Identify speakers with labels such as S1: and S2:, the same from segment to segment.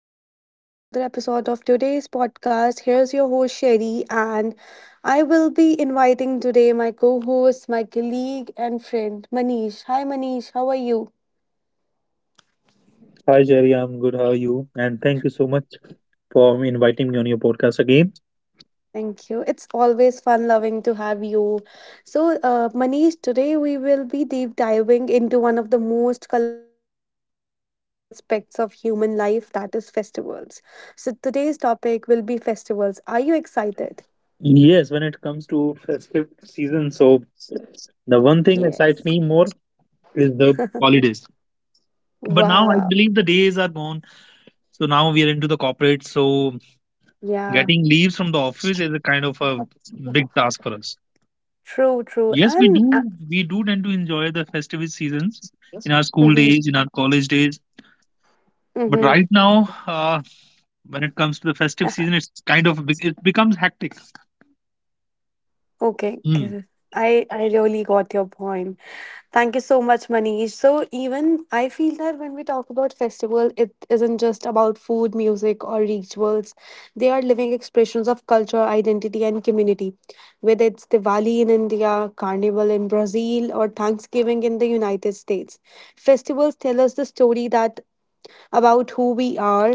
S1: and welcome back to another episode of today's podcast. Here's your host, Sherry, and I will be inviting today my co host, my colleague, and friend, Manish. Hi, Manish, how are you?
S2: Hi, Jerry. I'm good. How are you? And thank you so much for inviting me on your podcast again.
S1: Thank you. It's always fun loving to have you. So, Manish, today we will be deep diving into one of the most colorful aspects of human life that is festivals. So, today's topic will be festivals. Are you excited?
S2: Yes, when it comes to festive season, so the one thing
S1: Yes.
S2: excites me more is the holidays. But now I
S1: Wow.
S2: believe the days are gone. So now we are into the corporate. So
S1: Yeah.
S2: getting leaves from the office is a kind of a big task for us.
S1: True, true.
S2: Yes, we
S1: And
S2: do. We do tend to enjoy the festive seasons in our school
S1: mhm,
S2: days, in our college days. But right
S1: mhm.
S2: now, when it comes to the festive season it's kind of be- it becomes hectic.
S1: Okay.
S2: Hmm.
S1: I really got your point. Thank you so much, Manish. So even I feel that when we talk about festival, it isn't just about food, music, or rituals. They are living expressions of culture, identity, and community. Whether it's Diwali in India, Carnival in Brazil, or Thanksgiving in the United States, festivals tell us the story that about who we are,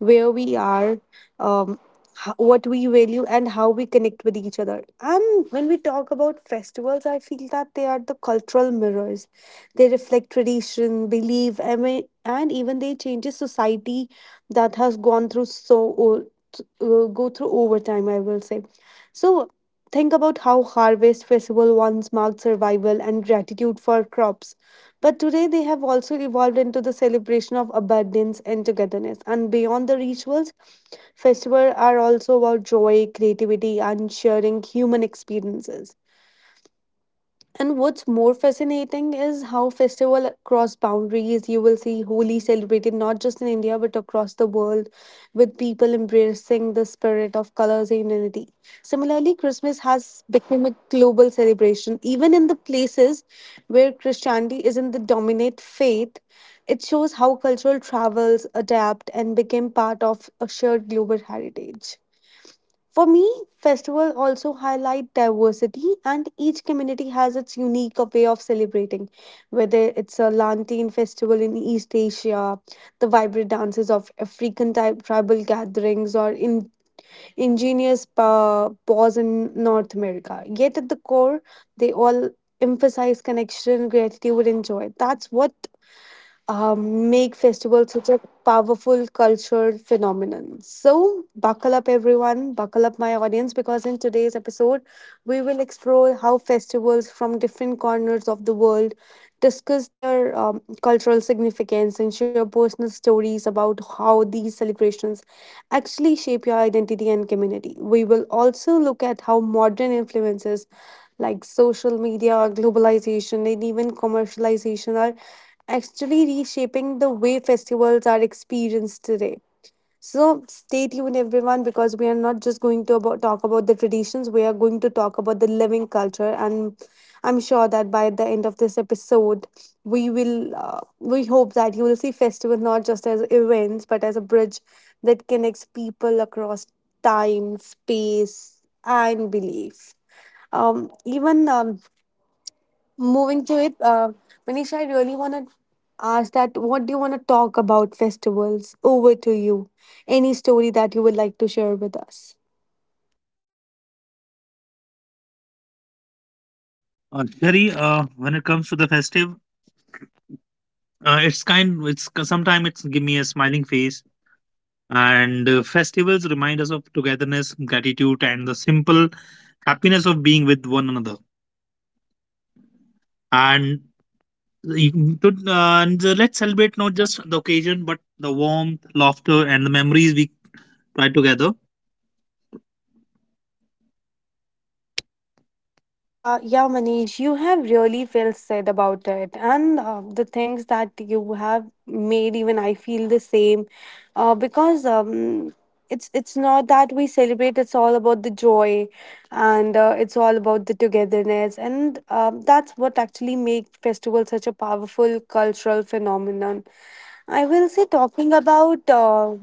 S1: where we are, um, what we value, and how we connect with each other. And when we talk about festivals, I feel that they are the cultural mirrors. They reflect tradition, belief, I mean, and even they changes society that has gone through go through over time, I will say. So think about how harvest festival once marked survival and gratitude for crops, but today they have also evolved into the celebration of abundance and togetherness. And beyond the rituals, festivals are also about joy, creativity, and sharing human experiences. And what's more fascinating is how festival cross boundaries. You will see Holi celebrated not just in India but across the world, with people embracing the spirit of colors and unity. Similarly, Christmas has become a global celebration, even in the places where Christianity isn't the dominant faith. It shows how cultural travels adapt and became part of a shared global heritage. For me, festival also highlight diversity, and each community has its unique way of celebrating, whether it's a lantern festival in East Asia, the vibrant dances of African type tribal gatherings, or in ingenious paws in North America. Yet at the core, they all emphasize connection, gratitude, and joy. That's what make festivals such a powerful cultural phenomenon. So, buckle up, everyone, buckle up, my audience, because in today's episode, we will explore how festivals from different corners of the world, discuss their cultural significance, and share personal stories about how these celebrations actually shape your identity and community. We will also look at how modern influences like social media, globalization, and even commercialization are actually reshaping the way festivals are experienced today. So stay tuned, everyone, because we are not just going to about talk about the traditions. We are going to talk about the living culture, and I'm sure that by the end of this episode, we will. We hope that you will see festivals not just as events, but as a bridge that connects people across time, space, and belief. Even moving to it, Manisha, I really want to ask that what do you want to talk about festivals? Over to you. Any story that you would like to share with us?
S2: Jerry, when it comes to the festive it's kind it's sometimes it's give me a smiling face, and festivals remind us of togetherness, gratitude, and the simple happiness of being with one another, and let's celebrate not just the occasion but the warmth, laughter, and the memories we try together.
S1: Yeah, yeah, Manish, you have really well said about it. And the things that you have made, even I feel the same. Because it's not that we celebrate, it's all about the joy and it's all about the togetherness. And that's what actually make festival such a powerful cultural phenomenon. I will say talking about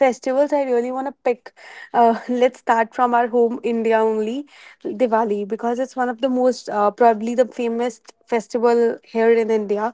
S1: festivals I really want to pick. Let's start from our home India only, Diwali, because it's one of the most, probably the famous festival here in India.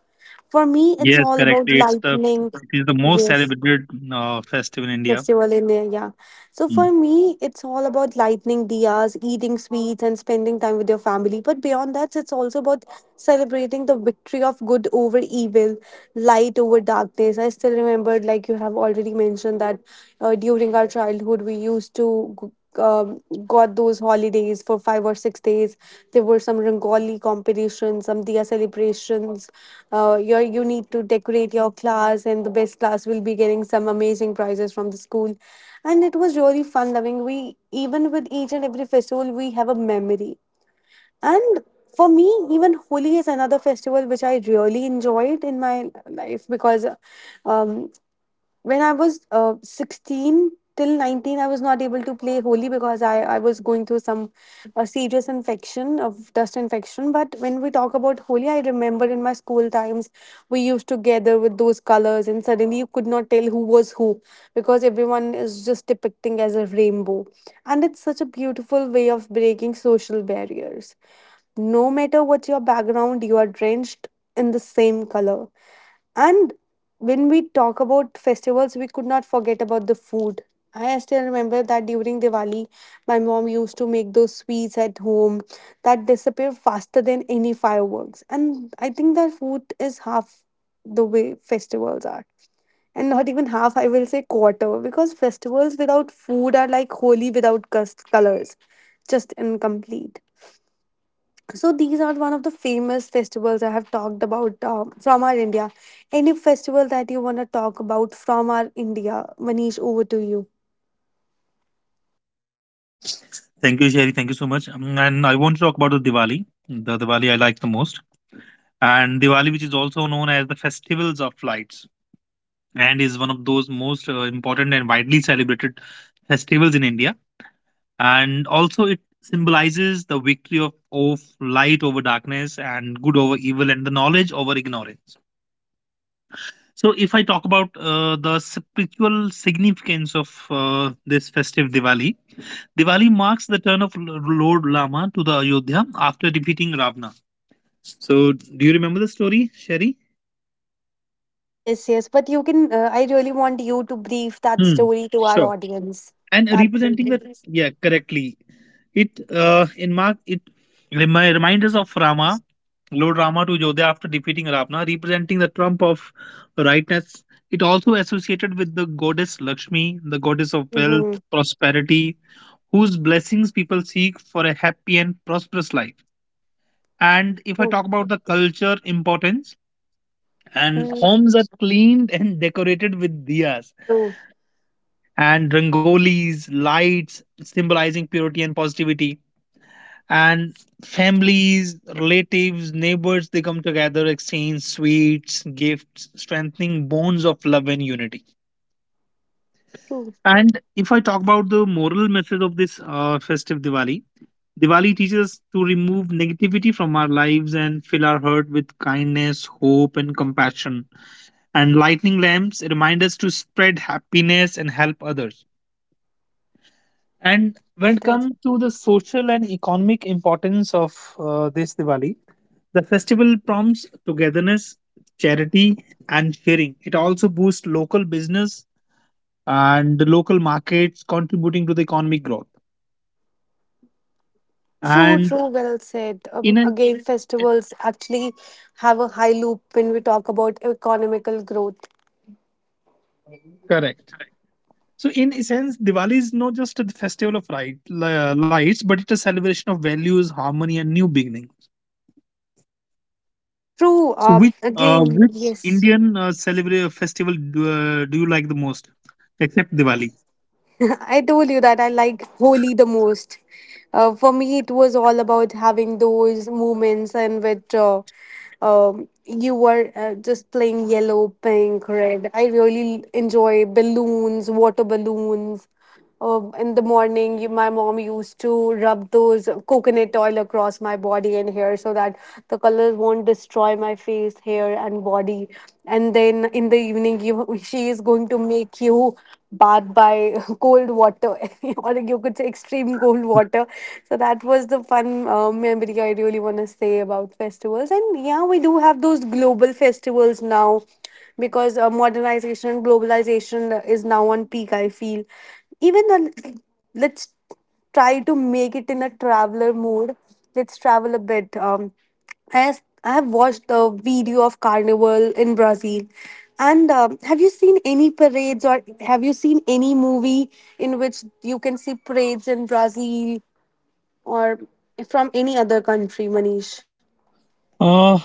S1: For me, it's
S2: Yes,
S1: all about
S2: correctly,
S1: lightning.
S2: it is the most
S1: Yes,
S2: celebrated festival in India.
S1: festival in there, yeah. So for me, it's all about lighting diyas, eating sweets, and spending time with your family. But beyond that, it's also about celebrating the victory of good over evil, light over darkness. I still remember, like you have already mentioned, that during our childhood, we used to. G- Um, got those holidays for 5 or 6 days. There were some Rangoli competitions, some Diya celebrations. Uh, you need to decorate your class, and the best class will be getting some amazing prizes from the school. And it was really fun loving. We even with each and every festival, we have a memory. And for me, even Holi is another festival which I really enjoyed in my life because um, when I was 16 till 19, I was not able to play Holi because I was going through some serious infection of dust infection. But when we talk about Holi, I remember in my school times, we used to gather with those colors, and suddenly you could not tell who was who because everyone is just depicting as a rainbow. And it's such a beautiful way of breaking social barriers. No matter what your background, you are drenched in the same color. And when we talk about festivals, we could not forget about the food. I still remember that during Diwali, my mom used to make those sweets at home that disappear faster than any fireworks. And I think that food is half the way festivals are. And not even half, I will say quarter, because festivals without food are like holy without colors, just incomplete. So these are one of the famous festivals I have talked about from our India. Any festival that you want to talk about from our India, Manish? Over to you.
S2: Thank you, Sherry. Thank you so much. And I want to talk about the Diwali I like the most. And Diwali, which is also known as the Festivals of Lights, and is one of those most important and widely celebrated festivals in India. And also, it symbolizes the victory of light over darkness, and good over evil, and the knowledge over ignorance. So, if I talk about the spiritual significance of this festive Diwali, Diwali marks the turn of Lord Lama to the Ayodhya after defeating Ravana. So, do you remember the story, Sherry?
S1: Yes, yes, but you can. I really want you to brief that
S2: Hmm.
S1: story to our
S2: Sure.
S1: audience.
S2: And
S1: That.
S2: representing that,
S1: Mm-hmm.
S2: yeah, correctly, it in mark it remi- reminders of Rama, Lord Rama to Jodha after defeating Ravana, representing the trump of rightness. It also associated with the goddess Lakshmi, the goddess of wealth, prosperity, whose blessings people seek for a happy and prosperous life. And if I
S1: True.
S2: talk about the culture importance, and
S1: Mm.
S2: homes are cleaned and decorated with diyas
S1: True.
S2: and rangolis, lights symbolizing purity and positivity. And families, relatives, neighbors, they come together, exchange sweets, gifts, strengthening bonds of love and unity.
S1: True.
S2: And if I talk about the moral message of this festive Diwali, Diwali teaches us to remove negativity from our lives and fill our heart with kindness, hope, and compassion. And lightning lamps remind us to spread happiness and help others. And when it
S1: Get it.
S2: comes to the social and economic importance of this Diwali, the festival prompts togetherness, charity, and sharing. It also boosts local business and the local markets, contributing to the economic growth.
S1: True,
S2: And
S1: true, well said.
S2: in a
S1: Again, festivals actually have a high loop when we talk about economical growth.
S2: correct. So, in a sense, Diwali is not just a festival of lights, but it's a celebration of values, harmony, and new beginning.
S1: True.
S2: So
S1: Again,
S2: which
S1: yes.
S2: Indian celebrate festival do, do you like the most, except Diwali?
S1: I told you that I like Holi the most. For me, it was all about having those moments in which you were just playing yellow, pink, red. I really enjoy balloons, water balloons in the morning. My mom used to rub those coconut oil across my body and hair so that the colors won't destroy my face, hair, and body. And then in the evening, you, she is going to make you bath by cold water, or you could say extreme cold water. So that was the fun memory I really want to say about festivals. And yeah, we do have those global festivals now because modernization and globalization is now on peak, I feel. Even the, let's try to make it in a traveler mood, let's travel a bit. As I have watched the video of carnival in Brazil, and have you seen any parades, or have you seen any movie in which you can see parades in Brazil or from any other country, Manish?
S2: Uh,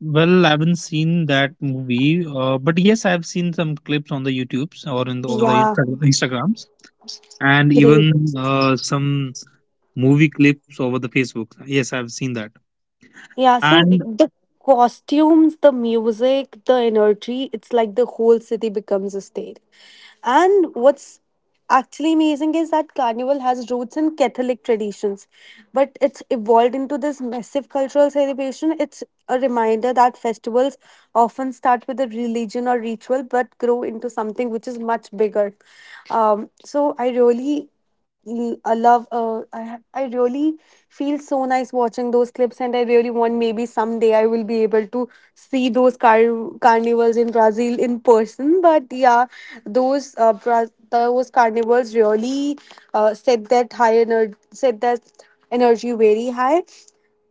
S2: well, I haven't seen that movie, but yes, I've seen some clips on the YouTubes or in the, over the
S1: Yeah,
S2: Instagrams, and
S1: great.
S2: even some movie clips over the Facebook. Yes, I've seen that.
S1: Yeah, so
S2: And
S1: i- the costumes, the music, the energy, it's like the whole city becomes a stage. And what's actually amazing is that Carnival has roots in Catholic traditions, but it's evolved into this massive cultural celebration. It's a reminder that festivals often start with a religion or ritual but grow into something which is much bigger. So I really l- I love. I ha- I really feel so nice watching those clips, and I really want, maybe someday I will be able to see those carnivals in Brazil in person. But yeah, those those carnivals really set that high energy, set that energy very high.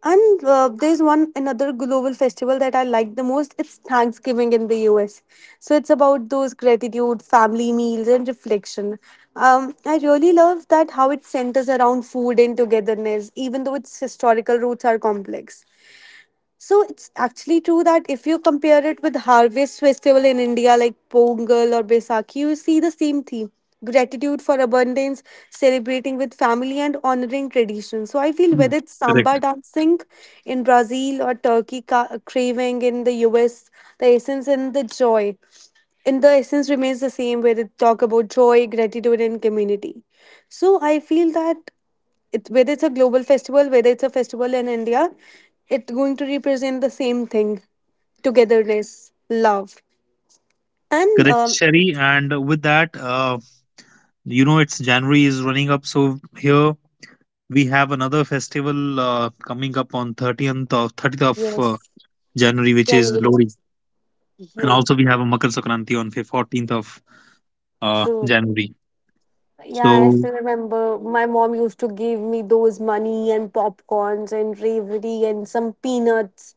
S1: And there's one another global festival that I like the most. It's Thanksgiving in the US. So it's about those gratitude, family meals, and reflection. I really love that how it centers around food and togetherness, even though its historical roots are complex. So it's actually true that if you compare it with harvest festival in India like Pongal or Baisakhi, you see the same theme. Gratitude for abundance, celebrating with family and honoring tradition. So I feel
S2: mm,
S1: whether it's
S2: correct,
S1: samba dancing in Brazil or turkey craving in the US, the essence and the joy in the essence remains the same, where it talk about joy, gratitude and community. So I feel that it whether it's a global festival, whether it's a festival in India, it's going to represent the same thing: togetherness, love, and
S2: correct, Sherry. You know, it's January is running up, so here we have another festival coming up on 30th of
S1: yes,
S2: January, which is
S1: genuine.
S2: Lodi, and also
S1: Yes,
S2: we have a Makar Sankranti on 14th of
S1: true.
S2: January.
S1: Yeah, I
S2: So
S1: still remember my mom used to give me those money and popcorns and ravioli and some peanuts.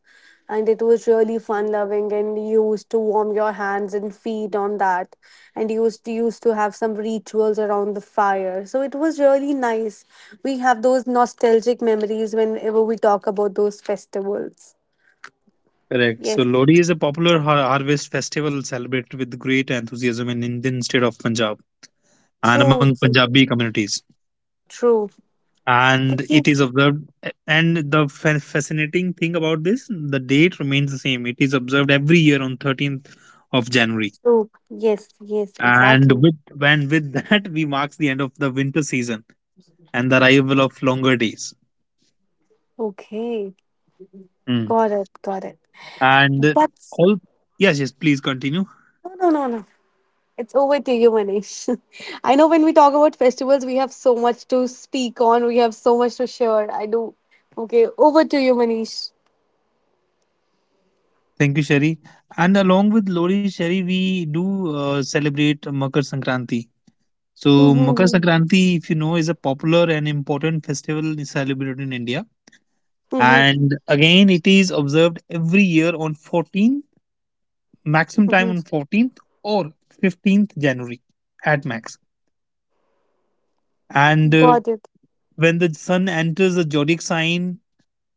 S1: And it was really fun loving and you used to warm your hands and feet on that. And you used to have some rituals around the fire. So it was really nice. We have those nostalgic memories whenever we talk about those festivals.
S2: correct. So
S1: Yes,
S2: Lodi is a popular harvest festival celebrated with great enthusiasm in Indian state of Punjab and
S1: true,
S2: among
S1: true,
S2: Punjabi communities.
S1: true.
S2: And it is
S1: Yes,
S2: observed, and the fascinating thing about this, the date remains the same. It is observed every year on 13th of January.
S1: true. Yes, yes,
S2: And
S1: exactly.
S2: with when with that, we marks the end of the winter season and the arrival of longer days.
S1: Okay,
S2: Mm.
S1: got it, got it.
S2: And
S1: That's
S2: all, yes, yes, please continue.
S1: no, no, no, no. It's over to you, Manish. I know when we talk about festivals, we have so much to speak on. We have so much to share. I do. Okay, over to you, Manish.
S2: Thank you, Sherry. And along with Lori, Sherry, we do celebrate Makar Sankranti. So Makar
S1: Mm-hmm.
S2: Sankranti, if you know, is a popular and important festival celebrated in India.
S1: Mm-hmm.
S2: And again, it is observed every year on 14th, maximum time
S1: Mm-hmm.
S2: on 14th or 15th January at max. And
S1: Got it.
S2: when the sun enters the zodiac sign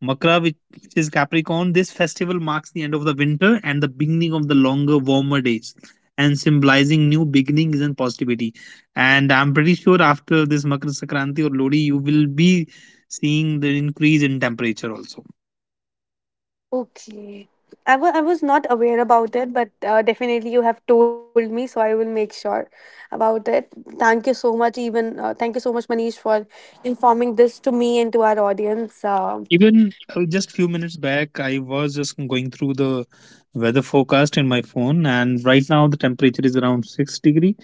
S2: Makra, which is Capricorn, this festival marks the end of the winter and the beginning of the longer, warmer days, and symbolizing new beginnings and positivity. And I'm pretty sure after this Makar Sakranti or Lodi, you will be seeing the increase in temperature also.
S1: Okay. I was not aware about it, but definitely you have told me, so I will make sure about it. Thank you so much, even thank you so much, Manish, for informing this to me and to our audience.
S2: Even just few minutes back, I was just going through the weather forecast in my phone, and right now the temperature is around 6 degree,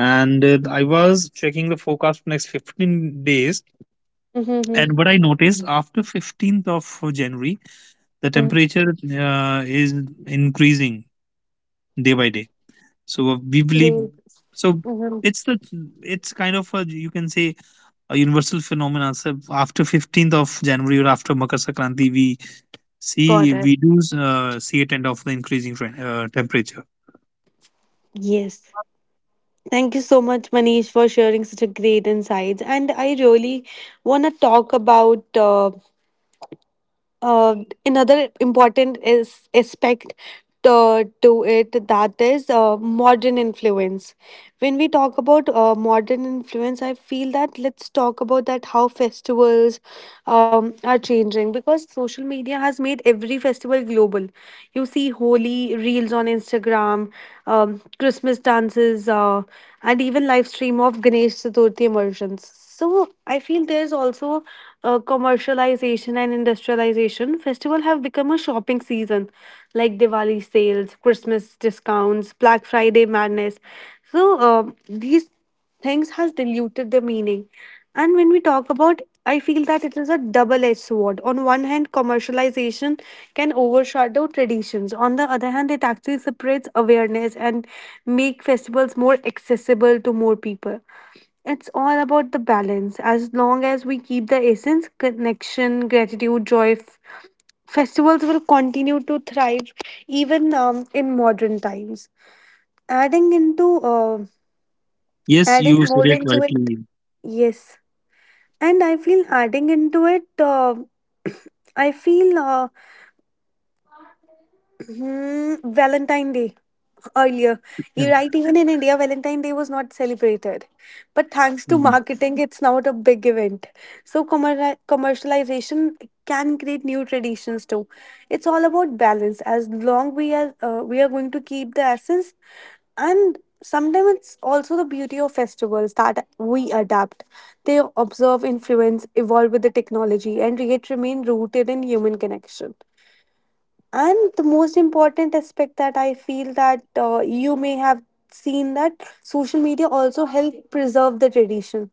S2: and I was checking the forecast for next 15 days.
S1: Mm-hmm.
S2: And what I noticed after 15th of January, the temperature is increasing day by day. So we believe,
S1: Mm-hmm.
S2: so it's the it's kind of a, you can say, a universal phenomenon. So after 15th of January or after Makar Sankranti, we see,
S1: Got it.
S2: we do see a trend of the increasing temperature.
S1: Yes. Thank you so much, Manish, for sharing such a great insights. And I really want to talk about uh, another important is aspect to it, that is modern influence. When we talk about modern influence, I feel that let's talk about that how festivals are changing because social media has made every festival global. You see Holi reels on Instagram, Christmas dances, and even live stream of Ganesh Chaturthi immersions. So I feel there's also commercialization and industrialization. Festival have become a shopping season, like Diwali sales, Christmas discounts, Black Friday madness. So these things has diluted the meaning. And when we talk about, I feel that it is a double-edged sword. On one hand, commercialization can overshadow traditions. On the other hand, it actually spreads awareness and make festivals more accessible to more people. It's all about the balance. As long as we keep the essence, connection, gratitude, joy, festivals will continue to thrive even in modern times. Adding into
S2: Yes,
S1: adding, yeah,
S2: you
S1: more
S2: said it
S1: into it,
S2: rightly.
S1: yes, and I feel adding into it, I feel, Valentine day earlier.
S2: Yeah.
S1: You right, even in India, Valentine's Day was not celebrated. But thanks to
S2: Mm.
S1: marketing, it's now a big event. So, commercialization can create new traditions too. It's all about balance. As long we are going to keep the essence, and sometimes it's also the beauty of festivals that we adapt. They observe, influence, evolve with the technology, and yet remain rooted in human connection. And the most important aspect that I feel, that you may have seen that social media also help preserve the tradition.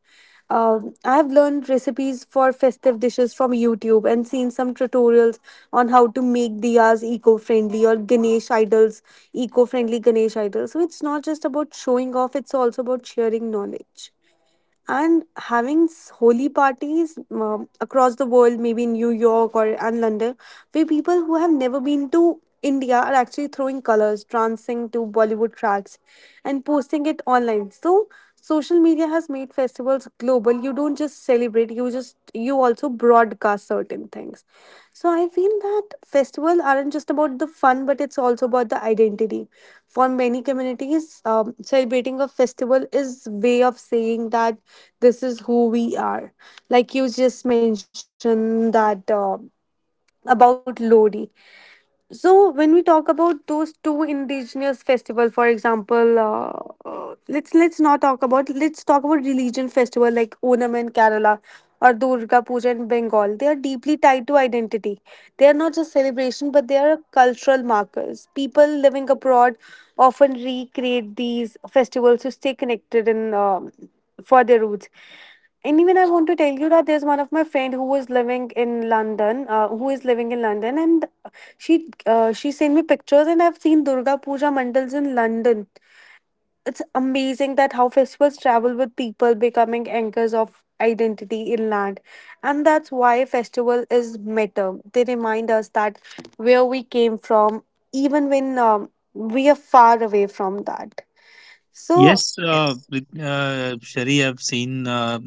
S1: I've learned recipes for festive dishes from YouTube and seen some tutorials on how to make diyas eco-friendly or Ganesh idols, eco-friendly Ganesh idols. So it's not just about showing off, it's also about sharing knowledge and having holy parties across the world, maybe in New York or and London, where people who have never been to India are actually throwing colors, dancing to Bollywood tracks, and posting it online. So social media has made festivals global. You don't just celebrate, you just you also broadcast certain things. So I feel that festivals aren't just about the fun, but it's also about the identity. For many communities, celebrating a festival is way of saying that this is who we are. Like you just mentioned that about Lodi. So when we talk about those two indigenous festival, for example, let's not talk about, let's talk about religion festival like Onam in Kerala or Durga Puja in Bengal. They are deeply tied to identity. They are not just celebration, but they are cultural markers. People living abroad often recreate these festivals to stay connected and for their roots. And even I want to tell you that there's one of my friend who is living in London, and she sent me pictures, and I've seen Durga Puja mandals in London. It's amazing that how festivals travel with people, becoming anchors of identity in land, and that's why festival is matter. They remind us that where we came from, even when we are far away from that. So,
S2: Yes, Shari, I've seen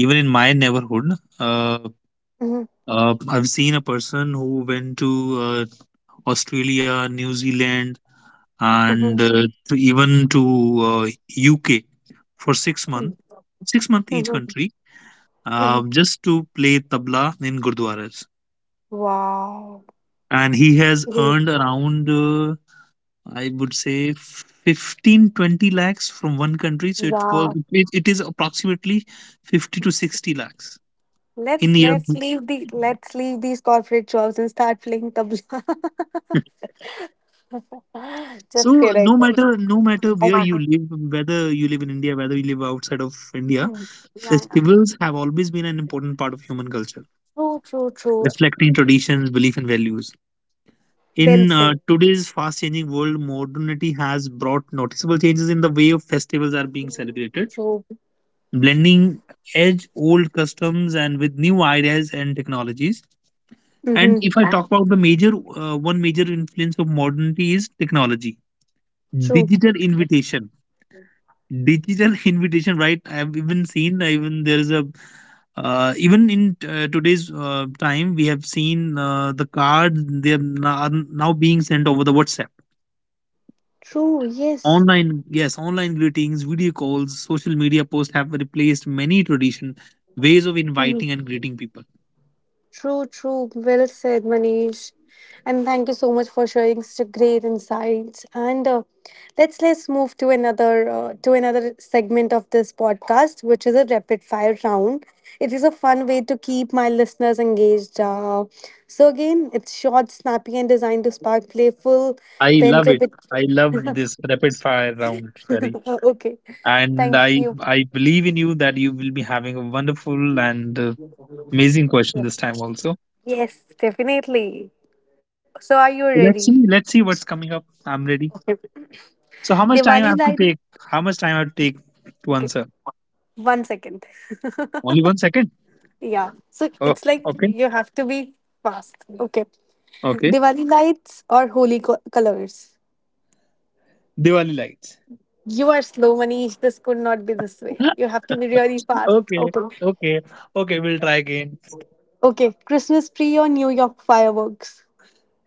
S2: even in my neighborhood. Uh,
S1: mhm,
S2: I've seen a person who went to Australia, New Zealand, and
S1: mhm,
S2: to even to UK for six
S1: mhm,
S2: months, 6 month each
S1: mhm,
S2: country,
S1: mhm.
S2: just to play tabla in gurdwaras.
S1: Wow,
S2: And he has
S1: great,
S2: earned around, I would say, 15 to 20 lakhs from one country. So it was
S1: wow.
S2: it is approximately 50 to 60 lakhs in
S1: Let's
S2: year.
S1: let's leave the let's leave these corporate jobs and start playing tabla. Just
S2: So no
S1: kidding.
S2: matter, no matter where you live, whether you live in India, whether you live outside of India,
S1: Mm. Yeah, yeah.
S2: festivals have always been an important part of human culture,
S1: True, true, true.
S2: reflecting traditions, belief, and values.
S1: Well
S2: In
S1: said.
S2: today's fast-changing world, modernity has brought noticeable changes in the way of festivals are being
S1: Mm,
S2: celebrated,
S1: true.
S2: blending age-old customs and with new ideas and technologies. And
S1: Mm-hmm.
S2: if I talk about the major one major influence of modernity is technology,
S1: True.
S2: digital invitation digital invitation, right? I've even seen, even there is a, even in today's time we have seen the card they are now being sent over the WhatsApp
S1: True, yes.
S2: online. Yes, online greetings, video calls, social media posts have replaced many tradition ways of
S1: Mm-hmm.
S2: inviting and greeting people.
S1: True, true. Well said, Manish. And thank you so much for sharing such great insights. And let's move to another, to another segment of this podcast, which is a rapid fire round. It is a fun way to keep my listeners engaged. So again, it's short, snappy, and designed to spark playful
S2: I love
S1: banter.
S2: it.
S1: With
S2: I love this rapid fire round, Shari.
S1: okay,
S2: And
S1: thank
S2: i
S1: you.
S2: i believe in you that you will be having a wonderful and amazing question this time also.
S1: Yes, definitely. So, are you ready?
S2: Let's see. Let's see what's coming up. I'm ready.
S1: Okay.
S2: So how much time
S1: Diwali
S2: I have to
S1: light.
S2: take? How much time I have to take to
S1: Okay,
S2: answer?
S1: one second.
S2: Only 1 second.
S1: Yeah. So
S2: Oh,
S1: it's like
S2: okay.
S1: you have to be fast. Okay.
S2: Okay.
S1: Diwali lights or colors?
S2: Diwali lights.
S1: You are slow, Manish. This could not be this way. You have to be really fast.
S2: okay.
S1: Okay.
S2: Okay. Okay. We'll try again.
S1: Okay, Christmas tree or New York fireworks?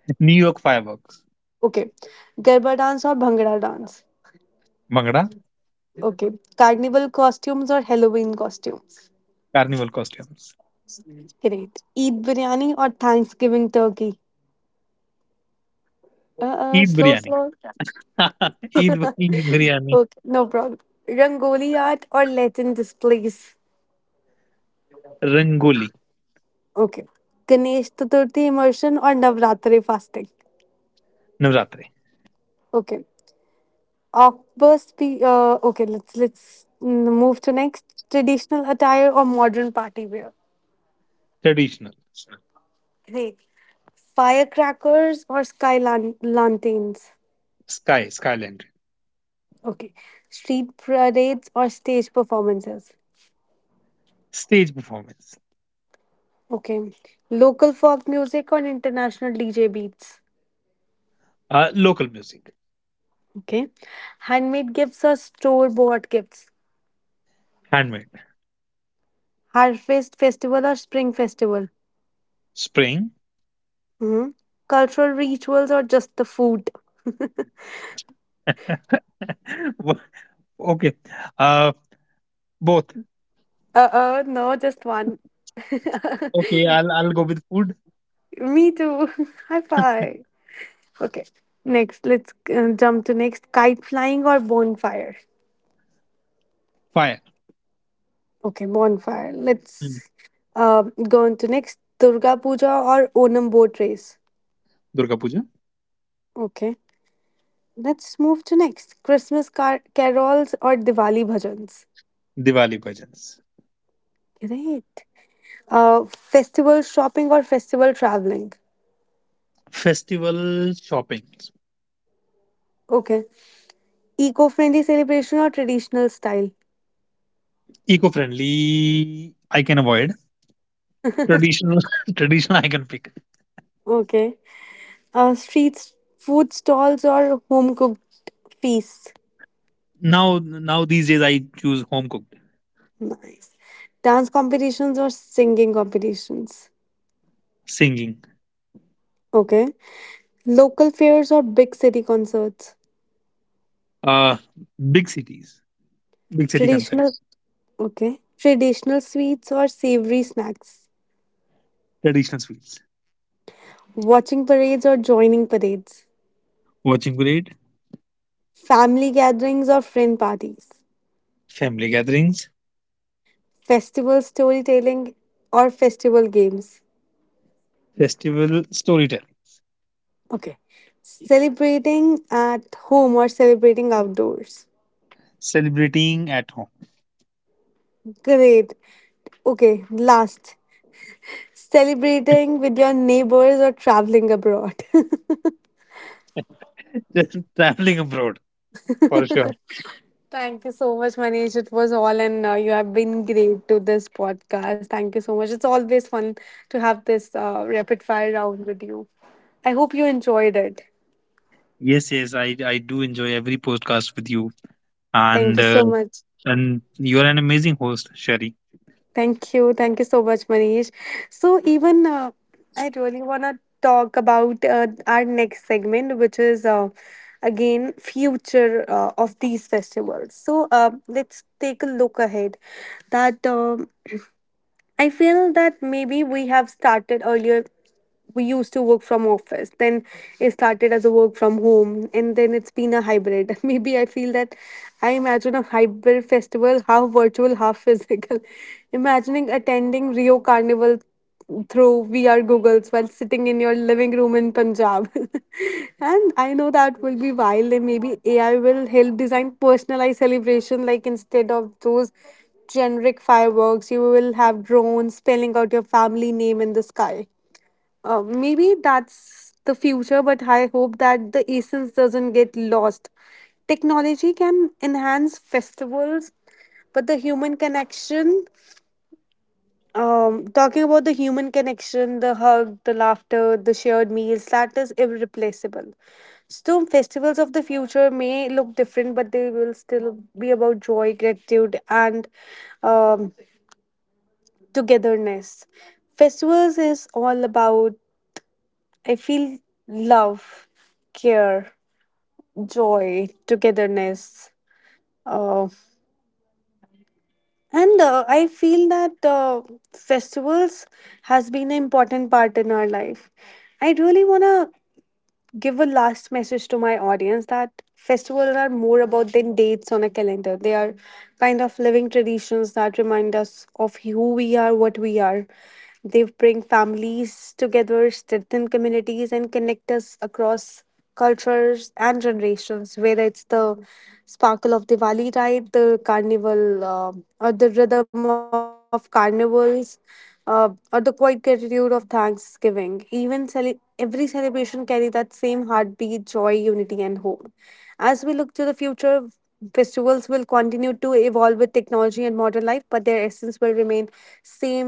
S2: New York fireworks.
S1: Okay, Garba dance or Bhangra dance?
S2: Bhangra.
S1: Okay, carnival costumes or Halloween costumes?
S2: Carnival costumes.
S1: Great. Eid biryani or Thanksgiving turkey?
S2: Eid
S1: Slow,
S2: biryani.
S1: slow.
S2: Eid, Eid biryani.
S1: Okay, no problem. Rangoli art or Latin displays?
S2: Rangoli.
S1: Okay. Ganesh Chaturthi immersion or Navratri fasting.
S2: Navratri.
S1: Okay. October spe- okay, let's mm, move to next, traditional attire or modern party wear.
S2: Traditional.
S1: Great. Firecrackers or lanterns.
S2: Sky. Skyland.
S1: Okay. Street parades or stage performances.
S2: Stage performance.
S1: Okay. Local folk music or international DJ beats.
S2: Local music.
S1: Okay. Handmade gifts or store bought gifts.
S2: Handmade.
S1: Harvest festival or spring festival.
S2: Spring.
S1: Mhm. Cultural rituals or just the food?
S2: Okay. Uh, Both.
S1: No, just one.
S2: Okay, I'll go with food.
S1: Me too. High five. Okay. Next, let's jump to next, kite flying or bonfire.
S2: Fire.
S1: Okay, bonfire.
S2: Hmm.
S1: Let's go on to next, Durga Puja or Onam boat race.
S2: Durga Puja.
S1: Okay. Let's move to next, carols or Diwali bhajans.
S2: Diwali bhajans.
S1: Great. Festival shopping or festival traveling.
S2: Festival shopping.
S1: Okay. Eco-friendly celebration और traditional style,
S2: Eco-friendly, I can avoid. Traditional. traditional, I can pick.
S1: okay, a street food stalls और home cooked feasts,
S2: Now, now these days I choose home cooked.
S1: nice, dance competitions और singing competitions,
S2: Singing.
S1: okay, local fairs और big city concerts,
S2: Uh, Big cities, big city
S1: traditional,
S2: concepts.
S1: okay, traditional sweets और savoury snacks,
S2: Traditional sweets.
S1: watching parades और joining parades,
S2: Watching parade.
S1: family gatherings और friend parties,
S2: Family gatherings.
S1: festival storytelling और festival games.
S2: Festival storytelling.
S1: Okay. Celebrating at home or celebrating outdoors?
S2: Celebrating at home.
S1: Great. Okay, last. Celebrating with your neighbors or traveling abroad?
S2: Just traveling abroad for sure.
S1: Thank you so much, Manish. It was all, and you have been great to this podcast. Thank you so much. It's always fun to have this rapid fire round with you. I hope you enjoyed it.
S2: Yes, yes, I do enjoy every podcast with you, and
S1: Thank you
S2: uh,
S1: so much.
S2: and you are an amazing host, Sherry.
S1: Thank you. Thank you so much, Manish. So, even I really want to talk about our next segment, which is again future of these festivals. So, let's take a look ahead that. I feel that maybe we have started earlier. We used to work from office, then it started as a work from home, and then it's been a hybrid. Maybe I feel that I imagine a hybrid festival, half virtual, half physical. Imagining attending Rio Carnival through VR goggles while sitting in your living room in Punjab. And I know that will be wild, and maybe AI will help design personalized celebration. Like instead of those generic fireworks, you will have drones spelling out your family name in the sky. Maybe that's the future, but I hope that the essence doesn't get lost. Technology can enhance festivals, but the human connection, talking about the human connection, the hug, the laughter, the shared meals, that is irreplaceable. So, festivals of the future may look different, but they will still be about joy, gratitude, and um, togetherness. Festivals is all about, I feel, love, care, joy, togetherness. Uh, And I feel that festivals has been an important part in our life. I really want to give a last message to my audience that festivals are more about than dates on a calendar. They are kind of living traditions that remind us of who we are, what we are. They bring families together, strengthen communities, and connect us across cultures and generations. Whether it's the sparkle of Diwali ride, the carnival, or the rhythm of carnivals, or the quiet gratitude of Thanksgiving. Even every celebration carry that same heartbeat, joy, unity, and hope. As we look to the future, festivals will continue to evolve with technology and modern life, but their essence will remain same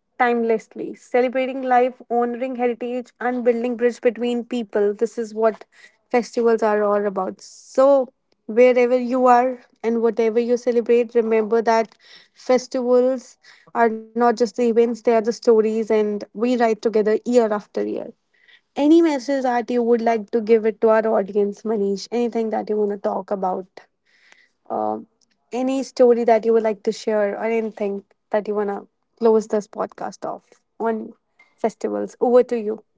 S1: timelessly, celebrating life, honoring heritage, and building bridge between people. This is what festivals are all about. So, wherever you are and whatever you celebrate, remember that festivals are not just the events; they are the stories, and we write together year after year. Any message that you would like to give it to our audience, Manish? Anything that you want to talk about? Um, any story that you would like to share, or anything that you want to close this podcast off on festivals? Over to you.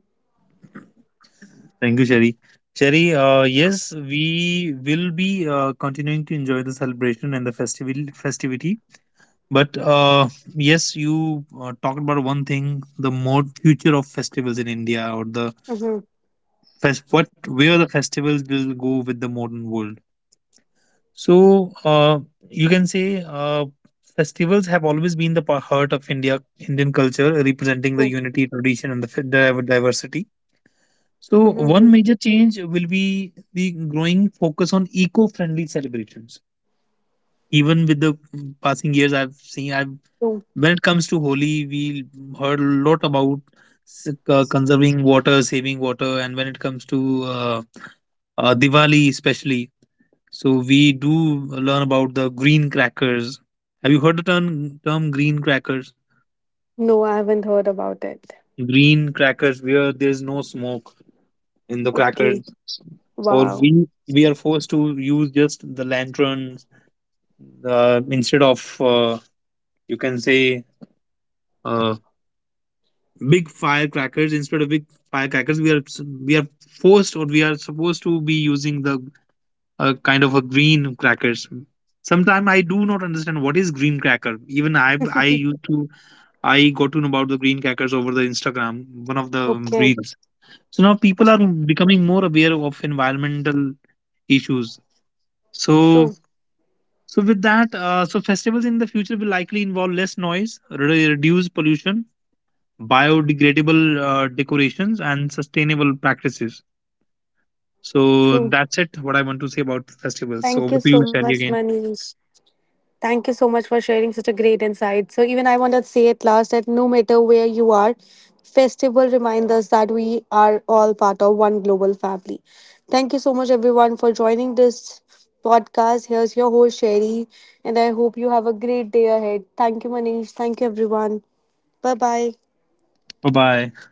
S2: Thank you, Sherry. Sherry, yes, we will be continuing to enjoy the celebration and the festival festivity. But yes, you talked about one thing: the more future of festivals in India, or the
S1: Mm-hmm.
S2: fest what where the festivals will go with the modern world. So you can say, festivals have always been the heart of India, Indian culture, representing the
S1: Oh.
S2: unity, tradition, and the diversity. So one
S1: Mm-hmm.
S2: major change will be the growing focus on eco-friendly celebrations. Even with the passing years, I've seen I've
S1: Oh.
S2: when it comes to Holi, we heard a lot about conserving water, saving water, and when it comes to Diwali especially. So we do learn about the green crackers. Have you heard the term green crackers?
S1: No, I haven't heard about it.
S2: Green crackers where there's no smoke in the crackers,
S1: Okay.
S2: or we
S1: Wow.
S2: we are forced to use just the lanterns instead of, you can say, uh, big firecrackers. Instead of big firecrackers, we are forced, or we are supposed to be using the a kind of a green crackers. Sometimes I do not understand what is green cracker. Even I used to, I got to know about the green crackers over the Instagram, one of the
S1: Okay.
S2: reels. So now people are
S1: Okay.
S2: becoming more aware of environmental issues. So
S1: True.
S2: so with that, so festivals in the future will likely involve less noise, reduce pollution, biodegradable decorations, and sustainable practices.
S1: True.
S2: So that's it. What I want to say about festivals. So
S1: Thank
S2: over
S1: you
S2: to
S1: so
S2: you,
S1: much,
S2: Shelly, again.
S1: Manish. Thank you so much for sharing such a great insight. So, even I want to say at last that no matter where you are, festival reminds us that we are all part of one global family. Thank you so much, everyone, for joining this podcast. Here's your host, Sherry, and I hope you have a great day ahead. Thank you, Manish. Thank you, everyone. Bye bye.
S2: Bye bye.